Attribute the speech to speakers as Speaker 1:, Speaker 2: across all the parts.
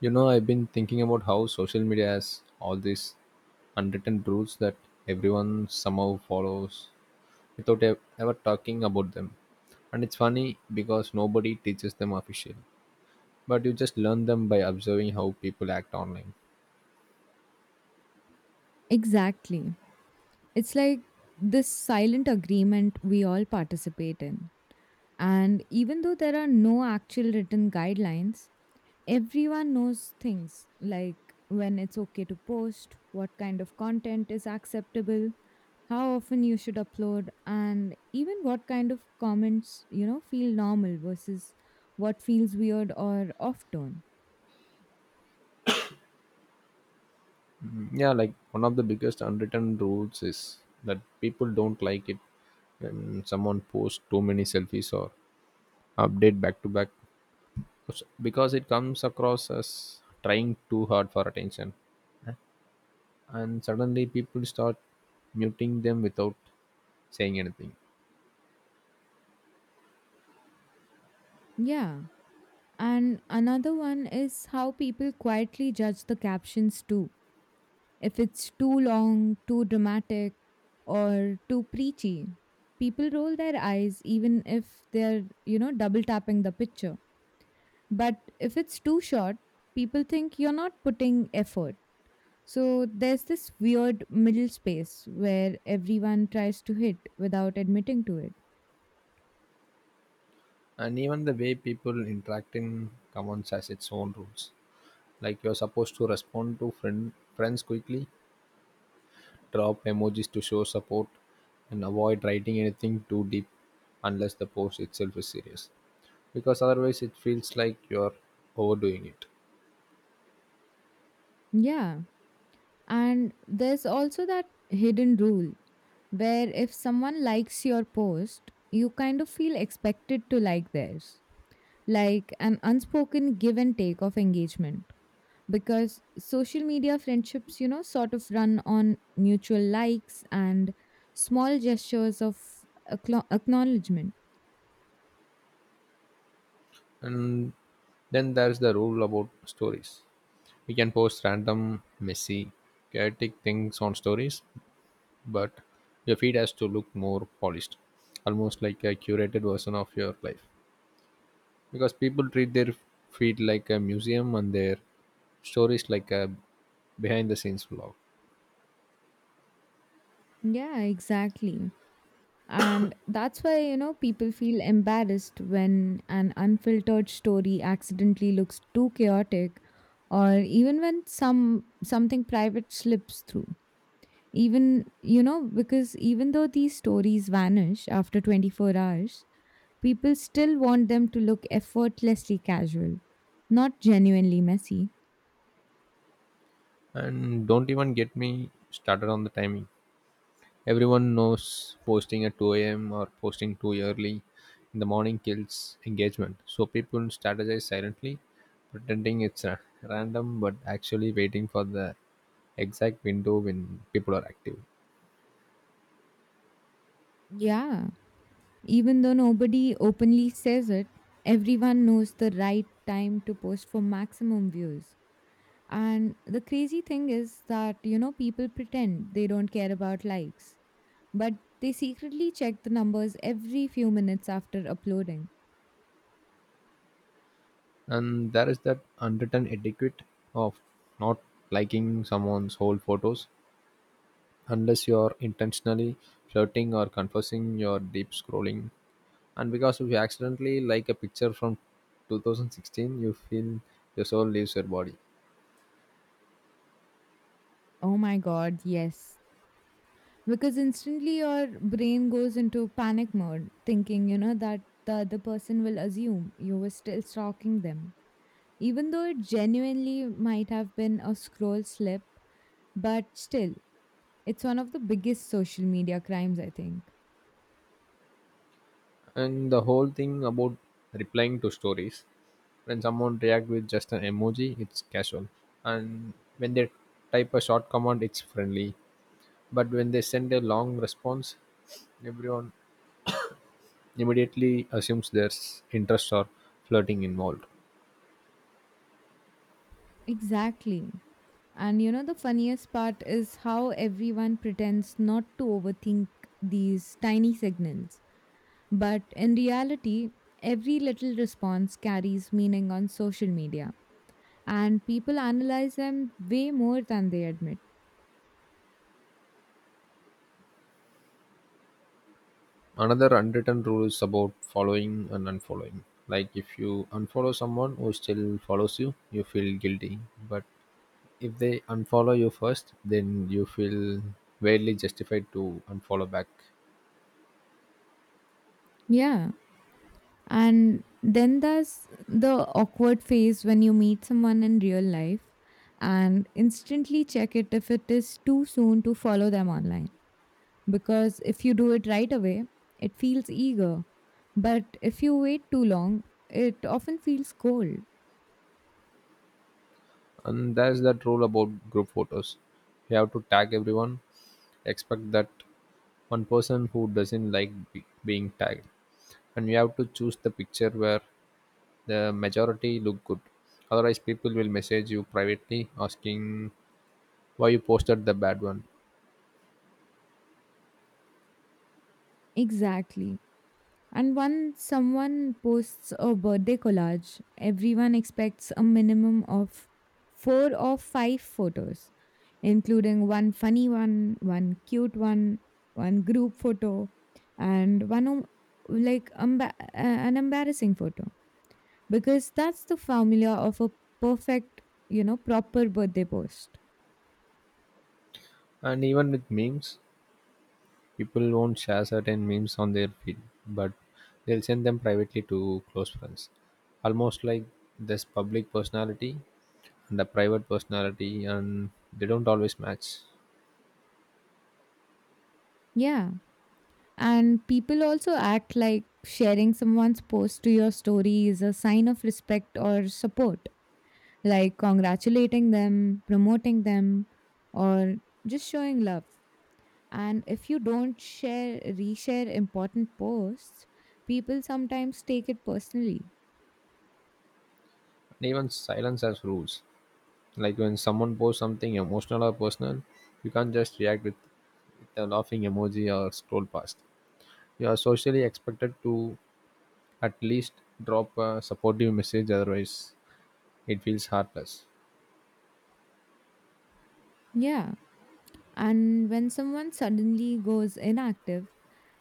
Speaker 1: You know, I've been thinking about how social media has all these unwritten rules that everyone somehow follows without ever talking about them. And it's funny because nobody teaches them officially, but you just learn them by observing how people act online.
Speaker 2: Exactly. It's like this silent agreement we all participate in. And even though there are no actual written guidelines, everyone knows things like when it's okay to post, what kind of content is acceptable, how often you should upload, and even what kind of comments, feel normal versus what feels weird or off tone.
Speaker 1: Mm, yeah, like one of the biggest unwritten rules is that people don't like it when someone posts too many selfies or update back to back, because it comes across as trying too hard for attention, and suddenly people start muting them without saying anything.
Speaker 2: Yeah. And another one is how people quietly judge the captions too. If it's too long, too dramatic, or too preachy, people roll their eyes even if they're double tapping the picture. But if it's too short, people think you're not putting effort. So there's this weird middle space where everyone tries to hit without admitting to it.
Speaker 1: And even the way people interact in commons has its own rules, like you're supposed to respond to friends quickly, drop emojis to show support, and avoid writing anything too deep unless the post itself is serious, because otherwise it feels like you're overdoing it.
Speaker 2: Yeah. And there's also that hidden rule where if someone likes your post, you kind of feel expected to like theirs, like an unspoken give and take of engagement because social media friendships sort of run on mutual likes and small gestures of acknowledgement.
Speaker 1: And then there's the rule about stories. We can post random, messy, chaotic things on stories, but your feed has to look more polished, almost like a curated version of your life, because people treat their feed like a museum and their stories like a behind the scenes vlog.
Speaker 2: Yeah, exactly. And that's why people feel embarrassed when an unfiltered story accidentally looks too chaotic, or even when something private slips through. Because even though these stories vanish after 24 hours, people still want them to look effortlessly casual, not genuinely messy.
Speaker 1: And don't even get me started on the timing. Everyone knows posting at 2 a.m or posting too early in the morning kills engagement, so people strategize silently, pretending it's a random but actually waiting for the exact window when people are active.
Speaker 2: Yeah. Even though nobody openly says it, everyone knows the right time to post for maximum views. And the crazy thing is that people pretend they don't care about likes, but they secretly check the numbers every few minutes after uploading.
Speaker 1: And there is that unwritten etiquette of not liking someone's whole photos unless you're intentionally flirting or confessing your deep scrolling. And because if you accidentally like a picture from 2016, you feel your soul leaves your body.
Speaker 2: Oh my god, yes. Because instantly your brain goes into panic mode, thinking that the other person will assume you were still stalking them. Even though it genuinely might have been a scroll slip, but still, it's one of the biggest social media crimes, I think.
Speaker 1: And the whole thing about replying to stories: when someone react with just an emoji it's casual, and when they type a short command it's friendly, but when they send a long response, everyone immediately assumes there's interest or flirting involved.
Speaker 2: Exactly. And the funniest part is how everyone pretends not to overthink these tiny signals. But in reality, every little response carries meaning on social media, and people analyze them way more than they admit.
Speaker 1: Another unwritten rule is about following and unfollowing. Like if you unfollow someone who still follows you, you feel guilty. But if they unfollow you first, then you feel weirdly justified to unfollow back.
Speaker 2: Yeah. And then there's the awkward phase when you meet someone in real life and instantly check it if it is too soon to follow them online. Because if you do it right away, it feels eager. But if you wait too long, it often feels cold.
Speaker 1: And there's that rule about group photos. You have to tag everyone, expect that one person who doesn't like being tagged. And you have to choose the picture where the majority look good. Otherwise, people will message you privately asking why you posted the bad one.
Speaker 2: Exactly. And once someone posts a birthday collage, everyone expects a minimum of four or five photos, including one funny one, one cute one, one group photo, and one an embarrassing photo. Because that's the formula of a perfect, proper birthday post.
Speaker 1: And even with memes, people won't share certain memes on their feed, but they'll send them privately to close friends. Almost like this public personality and the private personality, and they don't always match.
Speaker 2: Yeah. And people also act like sharing someone's post to your story is a sign of respect or support, like congratulating them, promoting them, or just showing love. And if you don't share, reshare important posts, people sometimes take it personally.
Speaker 1: And even silence has rules. Like when someone posts something emotional or personal, you can't just react with a laughing emoji or scroll past. You are socially expected to at least drop a supportive message, otherwise, it feels heartless.
Speaker 2: Yeah. And when someone suddenly goes inactive,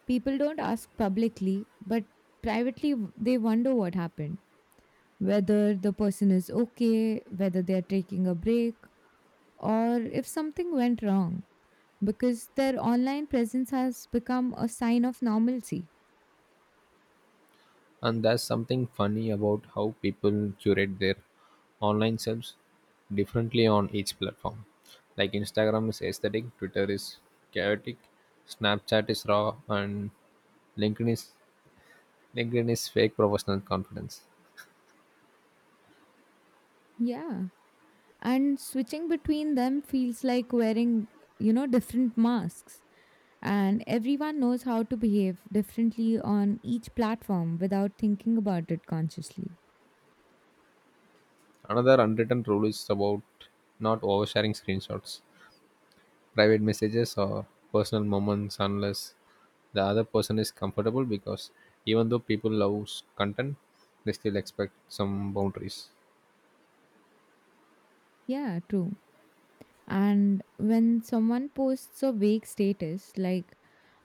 Speaker 2: people don't ask publicly, but privately they wonder what happened. Whether the person is okay, whether they are taking a break, or if something went wrong, because their online presence has become a sign of normalcy.
Speaker 1: And there's something funny about how people curate their online selves differently on each platform. Like Instagram is aesthetic, Twitter is chaotic, Snapchat is raw, and LinkedIn is LinkedIn is fake professional confidence.
Speaker 2: Yeah. And switching between them feels like wearing different masks. And everyone knows how to behave differently on each platform without thinking about it consciously.
Speaker 1: Another unwritten rule is about not oversharing screenshots, private messages, or personal moments unless the other person is comfortable, because even though people love content, they still expect some boundaries.
Speaker 2: Yeah, true. And when someone posts a vague status like,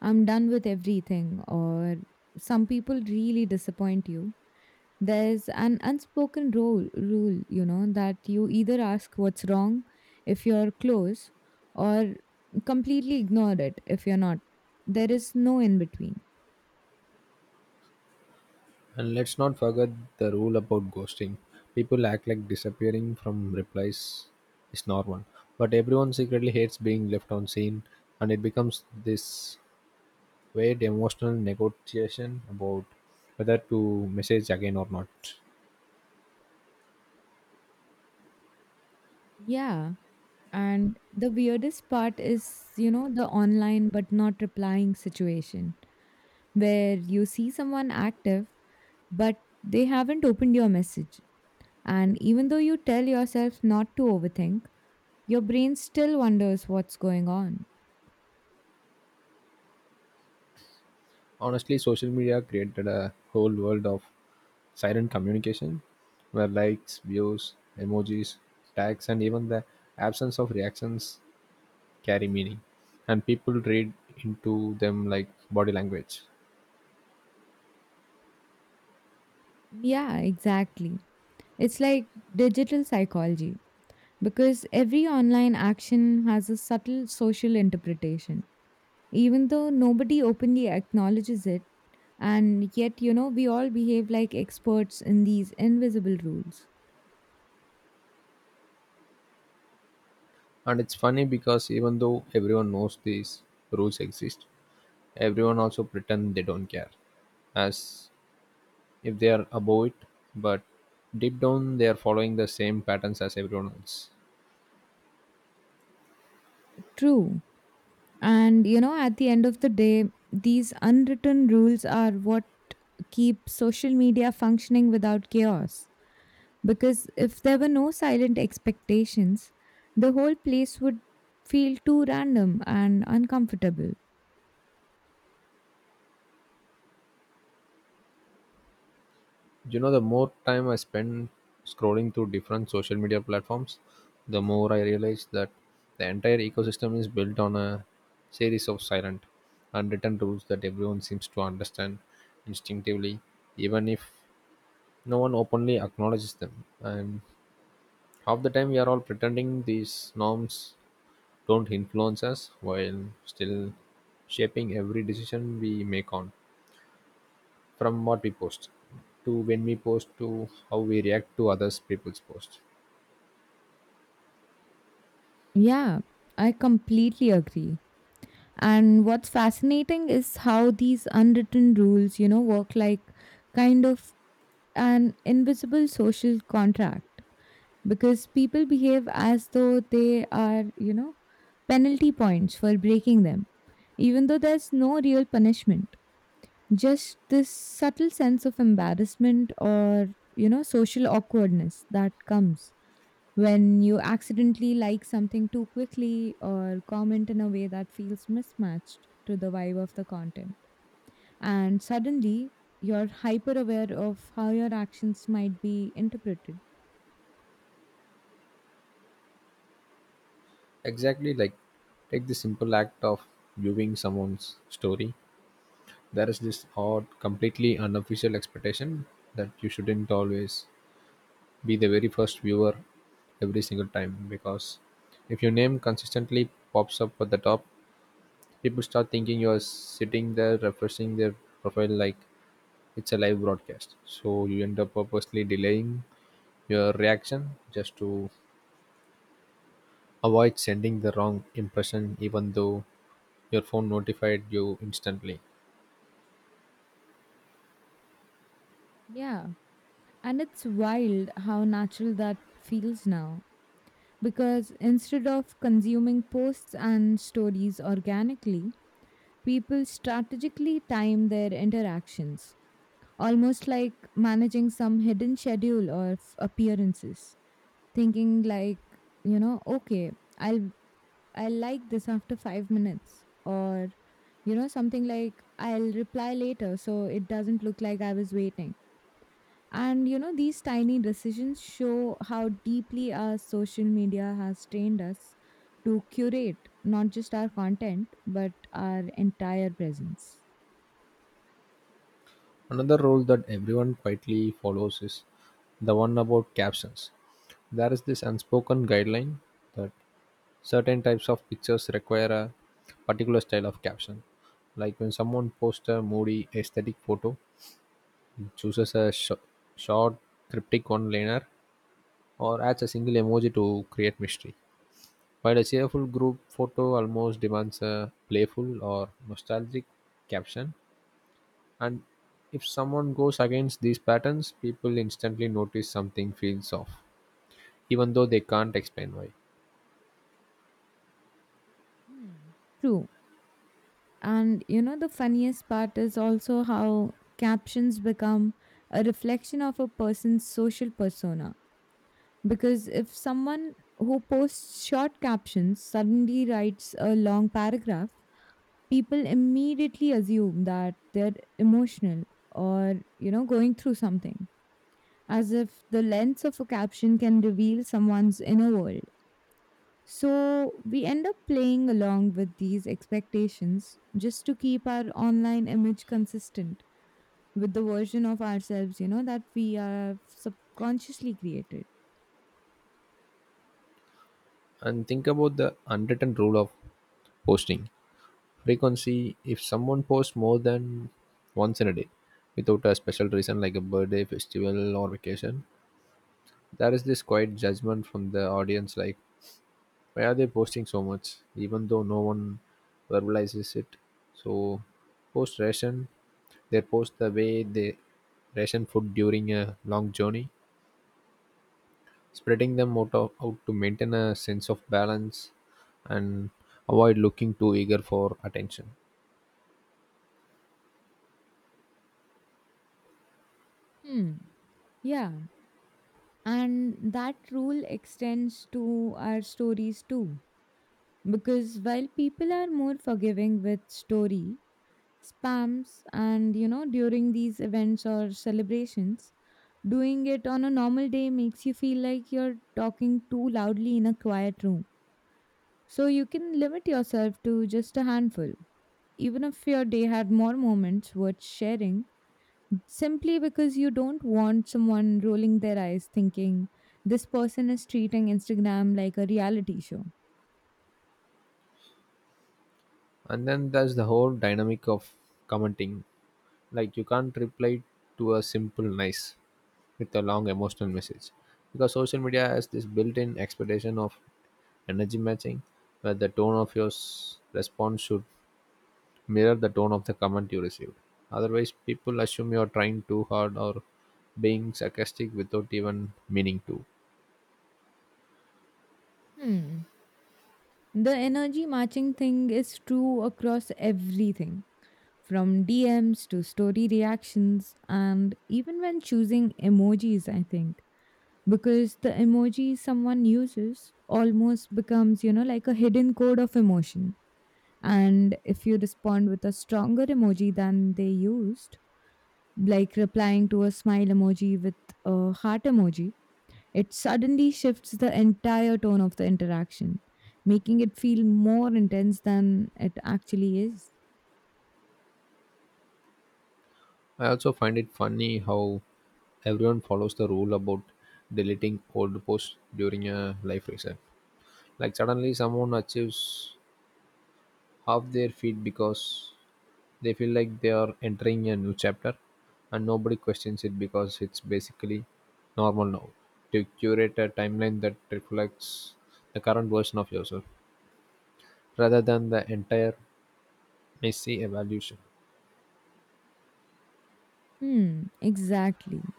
Speaker 2: "I'm done with everything," or "some people really disappoint you," there's an unspoken rule, that you either ask what's wrong if you're close, or completely ignore it if you're not. There is no in between.
Speaker 1: And let's not forget the rule about ghosting. People act like disappearing from replies is normal, but everyone secretly hates being left on scene, and it becomes this weird emotional negotiation about whether to message again or not.
Speaker 2: Yeah. And the weirdest part is the online but not replying situation where you see someone active but they haven't opened your message. And even though you tell yourself not to overthink, your brain still wonders what's going on.
Speaker 1: Honestly, social media created a whole world of silent communication where likes, views, emojis, tags, and even the absence of reactions carry meaning, and people read into them like body language.
Speaker 2: Yeah, exactly. It's like digital psychology because every online action has a subtle social interpretation. Even though nobody openly acknowledges it, and yet, we all behave like experts in these invisible rules.
Speaker 1: And it's funny because even though everyone knows these rules exist, everyone also pretend they don't care, as if they are above it, but deep down they are following the same patterns as everyone else.
Speaker 2: True. And at the end of the day, these unwritten rules are what keep social media functioning without chaos. Because if there were no silent expectations, the whole place would feel too random and uncomfortable.
Speaker 1: You know, the more time I spend scrolling through different social media platforms, the more I realize that the entire ecosystem is built on a series of silent, unwritten rules that everyone seems to understand instinctively, even if no one openly acknowledges them, and half the time we are all pretending these norms don't influence us while still shaping every decision we make on, from what we post to when we post to how we react to others people's posts.
Speaker 2: Yeah, I completely agree. And what's fascinating is how these unwritten rules, work like kind of an invisible social contract, because people behave as though they are penalty points for breaking them, even though there's no real punishment. Just this subtle sense of embarrassment or social awkwardness that comes when you accidentally like something too quickly or comment in a way that feels mismatched to the vibe of the content, and suddenly you're hyper aware of how your actions might be interpreted.
Speaker 1: Exactly, like take the simple act of viewing someone's story. There is this odd, completely unofficial expectation that you shouldn't always be the very first viewer every single time, because if your name consistently pops up at the top, people start thinking you're sitting there refreshing their profile like it's a live broadcast, so you end up purposely delaying your reaction just to avoid sending the wrong impression, even though your phone notified you instantly.
Speaker 2: Yeah. And it's wild how natural that feels now, because instead of consuming posts and stories organically, people strategically time their interactions, almost like managing some hidden schedule of appearances, thinking like, okay, I'll I'll like this after 5 minutes, or something like, I'll reply later so it doesn't look like I was waiting. And these tiny decisions show how deeply our social media has trained us to curate not just our content but our entire presence.
Speaker 1: Another rule that everyone quietly follows is the one about captions. There is this unspoken guideline that certain types of pictures require a particular style of caption. Like when someone posts a moody aesthetic photo, it chooses a short, cryptic one liner or adds a single emoji to create mystery. While a cheerful group photo almost demands a playful or nostalgic caption, and if someone goes against these patterns, people instantly notice something feels off, even though they can't explain why.
Speaker 2: Hmm. True. And the funniest part is also how captions become a reflection of a person's social persona. Because if someone who posts short captions suddenly writes a long paragraph, people immediately assume that they're emotional or going through something, as if the lens of a caption can reveal someone's inner world. So we end up playing along with these expectations just to keep our online image consistent with the version of ourselves, that we are subconsciously created.
Speaker 1: And think about the unwritten rule of posting frequency. If someone posts more than once in a day without a special reason like a birthday, festival, or vacation, there is this quiet judgment from the audience like, why are they posting so much, even though no one verbalizes it. So post ration, they post the way they ration food during a long journey, spreading them out to maintain a sense of balance and avoid looking too eager for attention.
Speaker 2: Hmm. Yeah. And that rule extends to our stories too. Because while people are more forgiving with story spams and during these events or celebrations, doing it on a normal day makes you feel like you're talking too loudly in a quiet room, so you can limit yourself to just a handful, even if your day had more moments worth sharing, simply because you don't want someone rolling their eyes thinking, this person is treating Instagram like a reality show.
Speaker 1: And then there's the whole dynamic of commenting. Like you can't reply to a simple nice with a long emotional message, because social media has this built-in expectation of energy matching, where the tone of your response should mirror the tone of the comment you received, otherwise people assume you're trying too hard or being sarcastic without even meaning to.
Speaker 2: Hmm. The energy matching thing is true across everything, from DMs to story reactions, and even when choosing emojis, I think. Because the emoji someone uses almost becomes, like a hidden code of emotion. And if you respond with a stronger emoji than they used, like replying to a smile emoji with a heart emoji, it suddenly shifts the entire tone of the interaction, making it feel more intense than it actually is.
Speaker 1: I also find it funny how everyone follows the rule about deleting old posts during a life reset. Like suddenly someone achieves off their feet because they feel like they are entering a new chapter, and nobody questions it because it's basically normal now to curate a timeline that reflects the current version of yourself rather than the entire messy evolution.
Speaker 2: Hmm, exactly.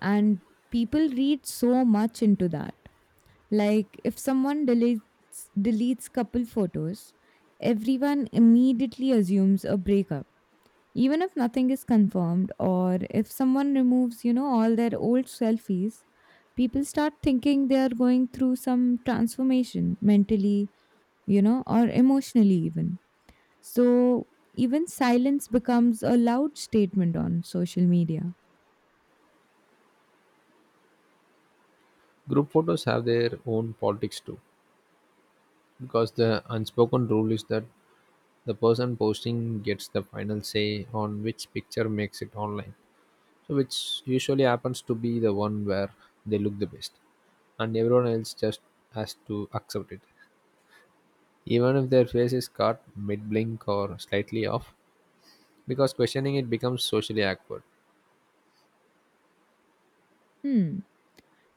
Speaker 2: And people read so much into that, like if someone deletes couple photos, everyone immediately assumes a breakup, even if nothing is confirmed. Or if someone removes all their old selfies, people start thinking they are going through some transformation mentally, or emotionally even. So even silence becomes a loud statement on social media.
Speaker 1: Group photos have their own politics too, because the unspoken rule is that the person posting gets the final say on which picture makes it online. So which usually happens to be the one where they look the best, and everyone else just has to accept it, even if their face is cut mid blink or slightly off, because questioning it becomes socially awkward.
Speaker 2: Hmm.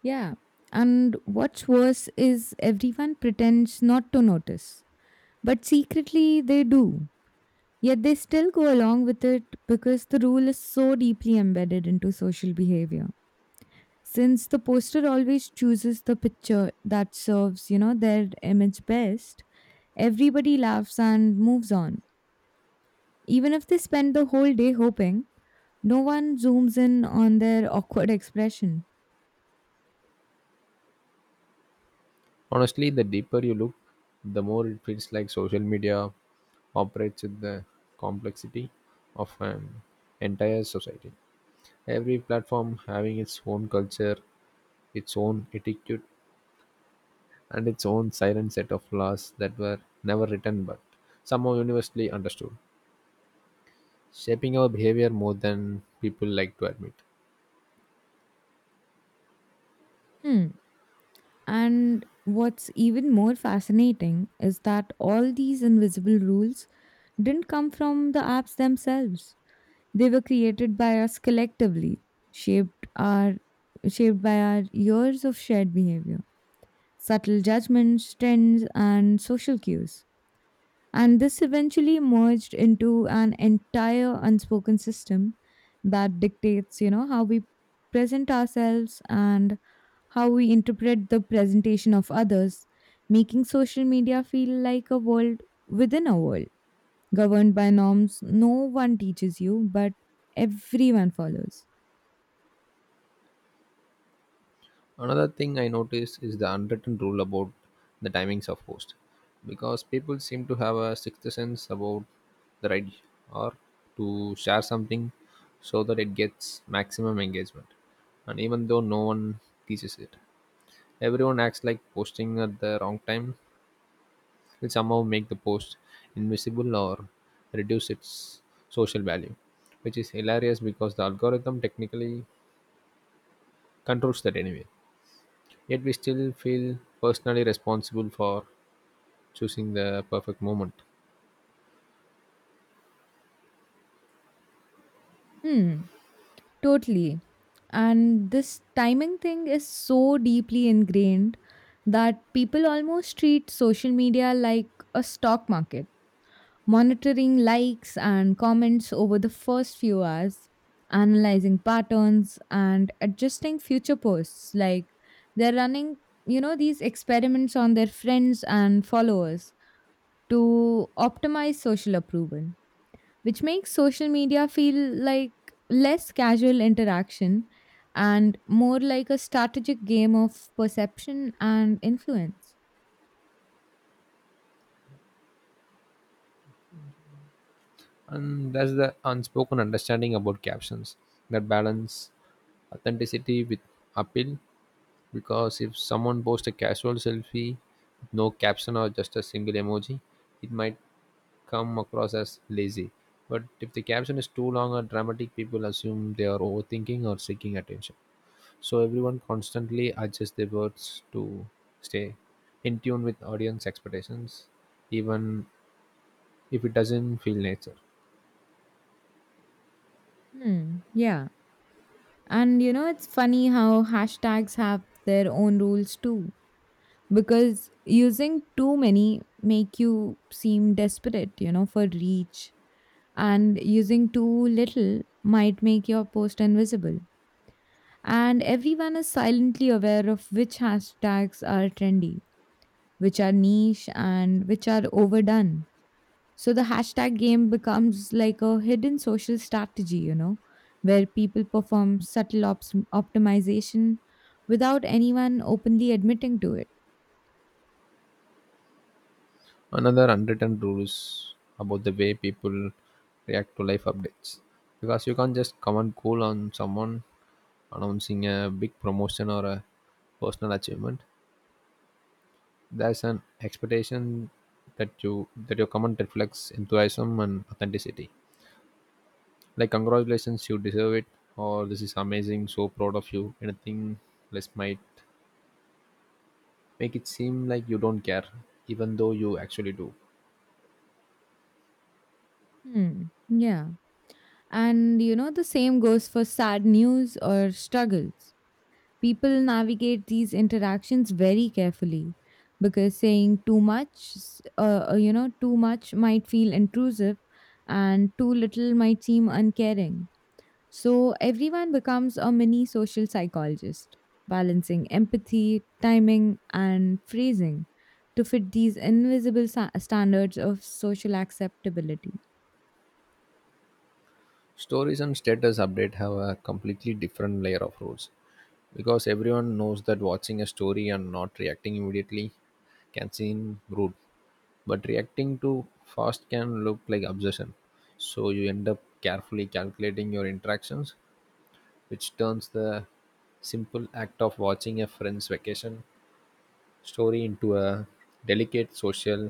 Speaker 2: Yeah, and what's worse is everyone pretends not to notice, but secretly they do. Yet they still go along with it because the rule is so deeply embedded into social behavior. Since the poster always chooses the picture that serves their image best, everybody laughs and moves on. Even if they spend the whole day hoping no one zooms in on their awkward expression.
Speaker 1: Honestly, the deeper you look, the more it feels like social media operates with the complexity of an entire society. Every platform having its own culture, its own etiquette, and its own silent set of laws that were never written but somehow universally understood, shaping our behavior more than people like to admit.
Speaker 2: Hmm. And what's even more fascinating is that all these invisible rules didn't come from the apps themselves. They were created by us collectively, shaped our shaped by our years of shared behavior, subtle judgments, trends, and social cues. And this eventually merged into an entire unspoken system that dictates how we present ourselves and how we interpret the presentation of others, making social media feel like a world within a world, governed by norms no one teaches you, but everyone follows.
Speaker 1: Another thing I noticed is the unwritten rule about the timings of posts, because people seem to have a sixth sense about the right or to share something so that it gets maximum engagement. And even though no one teaches it, everyone acts like posting at the wrong time will somehow make the post invisible or reduce its social value, which is hilarious because the algorithm technically controls that anyway. Yet we still feel personally responsible for choosing the perfect moment.
Speaker 2: Hmm, totally. And this timing thing is so deeply ingrained that people almost treat social media like a stock market, monitoring likes and comments over the first few hours, analyzing patterns, and adjusting future posts. Like they're running these experiments on their friends and followers to optimize social approval, which makes social media feel like less casual interaction and more like a strategic game of perception and influence.
Speaker 1: And that's the unspoken understanding about captions that balance authenticity with appeal. Because if someone posts a casual selfie with no caption or just a single emoji, it might come across as lazy. But if the caption is too long or dramatic, people assume they are overthinking or seeking attention. So everyone constantly adjusts their words to stay in tune with audience expectations, even if it doesn't feel nature.
Speaker 2: Hmm, yeah. And it's funny how hashtags have their own rules too. Because using too many make you seem desperate for reach. And using too little might make your post invisible. And everyone is silently aware of which hashtags are trendy, which are niche, and which are overdone. So the hashtag game becomes like a hidden social strategy, where people perform subtle optimization without anyone openly admitting to it.
Speaker 1: Another unwritten rule is about the way people react to life updates. Because you can't just comment cool on someone announcing a big promotion or a personal achievement. There is an expectation that your comment reflects enthusiasm and authenticity. Like congratulations, you deserve it, or this is amazing, so proud of you. Anything less might make it seem like you don't care, even though you actually do.
Speaker 2: Hmm. Yeah. And the same goes for sad news or struggles. People navigate these interactions very carefully because saying too much, too much might feel intrusive, and too little might seem uncaring. So everyone becomes a mini social psychologist, balancing empathy, timing, and phrasing to fit these invisible standards of social acceptability.
Speaker 1: Stories and status update have a completely different layer of rules, because everyone knows that watching a story and not reacting immediately can seem rude, but reacting too fast can look like obsession, so you end up carefully calculating your interactions, which turns the simple act of watching a friend's vacation story into a delicate social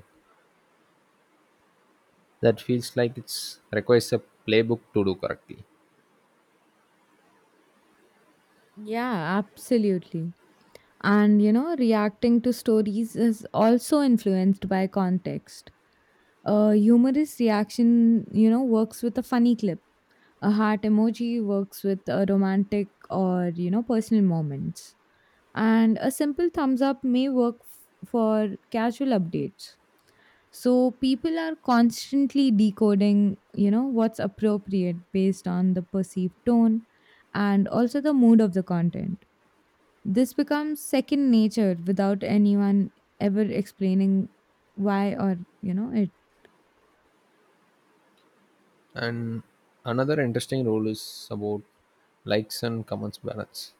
Speaker 1: that feels like it's requires a playbook to do correctly.
Speaker 2: Yeah, absolutely. And reacting to stories is also influenced by context. A humorous reaction, works with a funny clip. A heart emoji works with a romantic or personal moments. And a simple thumbs up may work for casual updates. So people are constantly decoding what's appropriate based on the perceived tone and also the mood of the content. This becomes second nature without anyone ever explaining why or it.
Speaker 1: And another interesting rule is about likes and comments balance,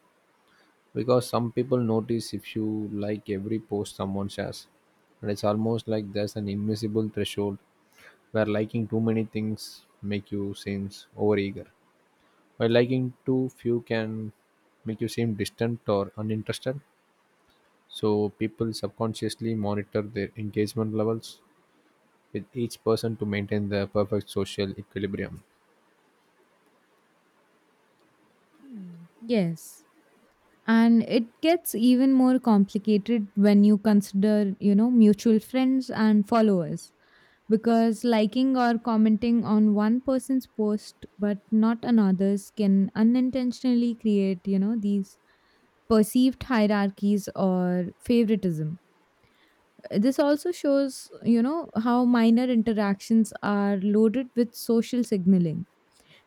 Speaker 1: because some people notice if you like every post someone shares, and it's almost like there's an invisible threshold where liking too many things make you seems overeager, while liking too few can make you seem distant or uninterested, so people subconsciously monitor their engagement levels with each person to maintain the perfect social equilibrium.
Speaker 2: Hmm. Yes. And it gets even more complicated when you consider mutual friends and followers, because liking or commenting on one person's post but not another's can unintentionally create these perceived hierarchies or favoritism. This also shows how minor interactions are loaded with social signaling,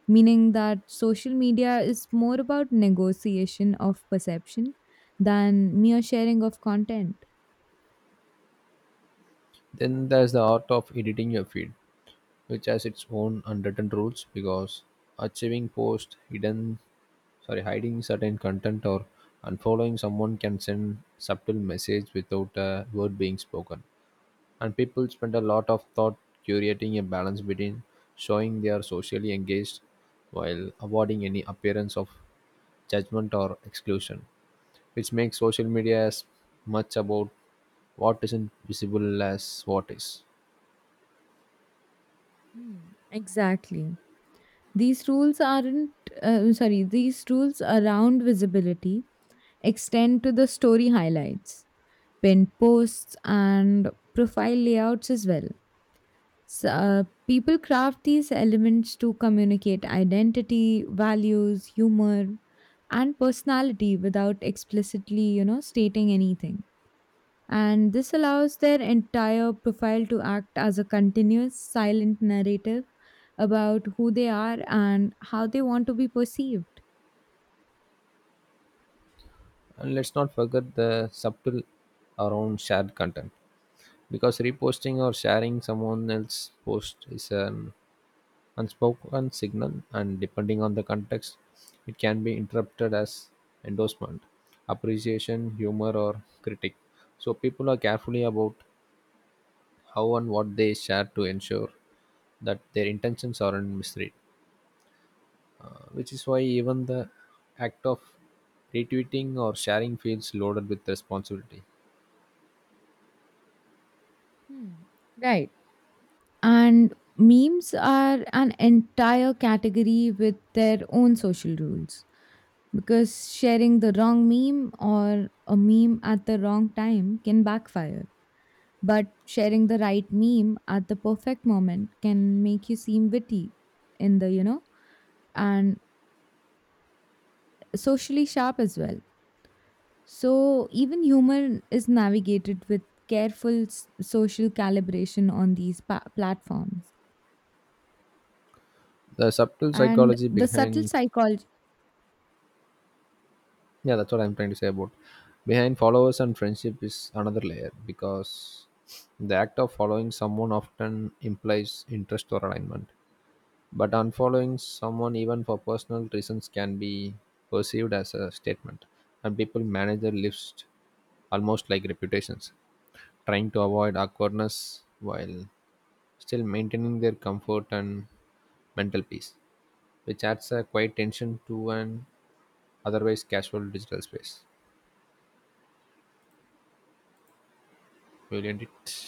Speaker 2: meaning that social media is more about negotiation of perception than mere sharing of content.
Speaker 1: Then there's the art of editing your feed, which has its own unwritten rules, because achieving post hidden, sorry, hiding certain content or unfollowing someone can send subtle message without a word being spoken. And people spend a lot of thought curating a balance between showing they are socially engaged while avoiding any appearance of judgment or exclusion, which makes social media as much about what isn't visible as what is.
Speaker 2: Hmm, exactly. These rules aren't, sorry, these rules around visibility extend to the story highlights, pinned posts, and profile layouts as well. So, people craft these elements to communicate identity, values, humor, and personality without explicitly stating anything. And this allows their entire profile to act as a continuous silent narrative about who they are and how they want to be perceived.
Speaker 1: And let's not forget the subtle around shared content, because reposting or sharing someone else's post is an unspoken signal, and depending on the context, it can be interpreted as endorsement, appreciation, humor, or critique. So people are carefully about how and what they share to ensure that their intentions aren't misread, which is why even the act of retweeting or sharing feels loaded with responsibility.
Speaker 2: Hmm. Right. And memes are an entire category with their own social rules, because sharing the wrong meme or a meme at the wrong time can backfire. But sharing the right meme at the perfect moment can make you seem witty in the, and socially sharp as well. So even humor is navigated with careful social calibration on these platforms.
Speaker 1: The subtle
Speaker 2: And
Speaker 1: psychology
Speaker 2: the subtle
Speaker 1: behind,
Speaker 2: psychology
Speaker 1: yeah, that's what I'm trying to say about. Behind followers and friendship is another layer, because the act of following someone often implies interest or alignment. But unfollowing someone, even for personal reasons, can be perceived as a statement, and people manage their lives almost like reputations, trying to avoid awkwardness while still maintaining their comfort and mental peace, which adds a quiet tension to an otherwise casual digital space. Brilliant.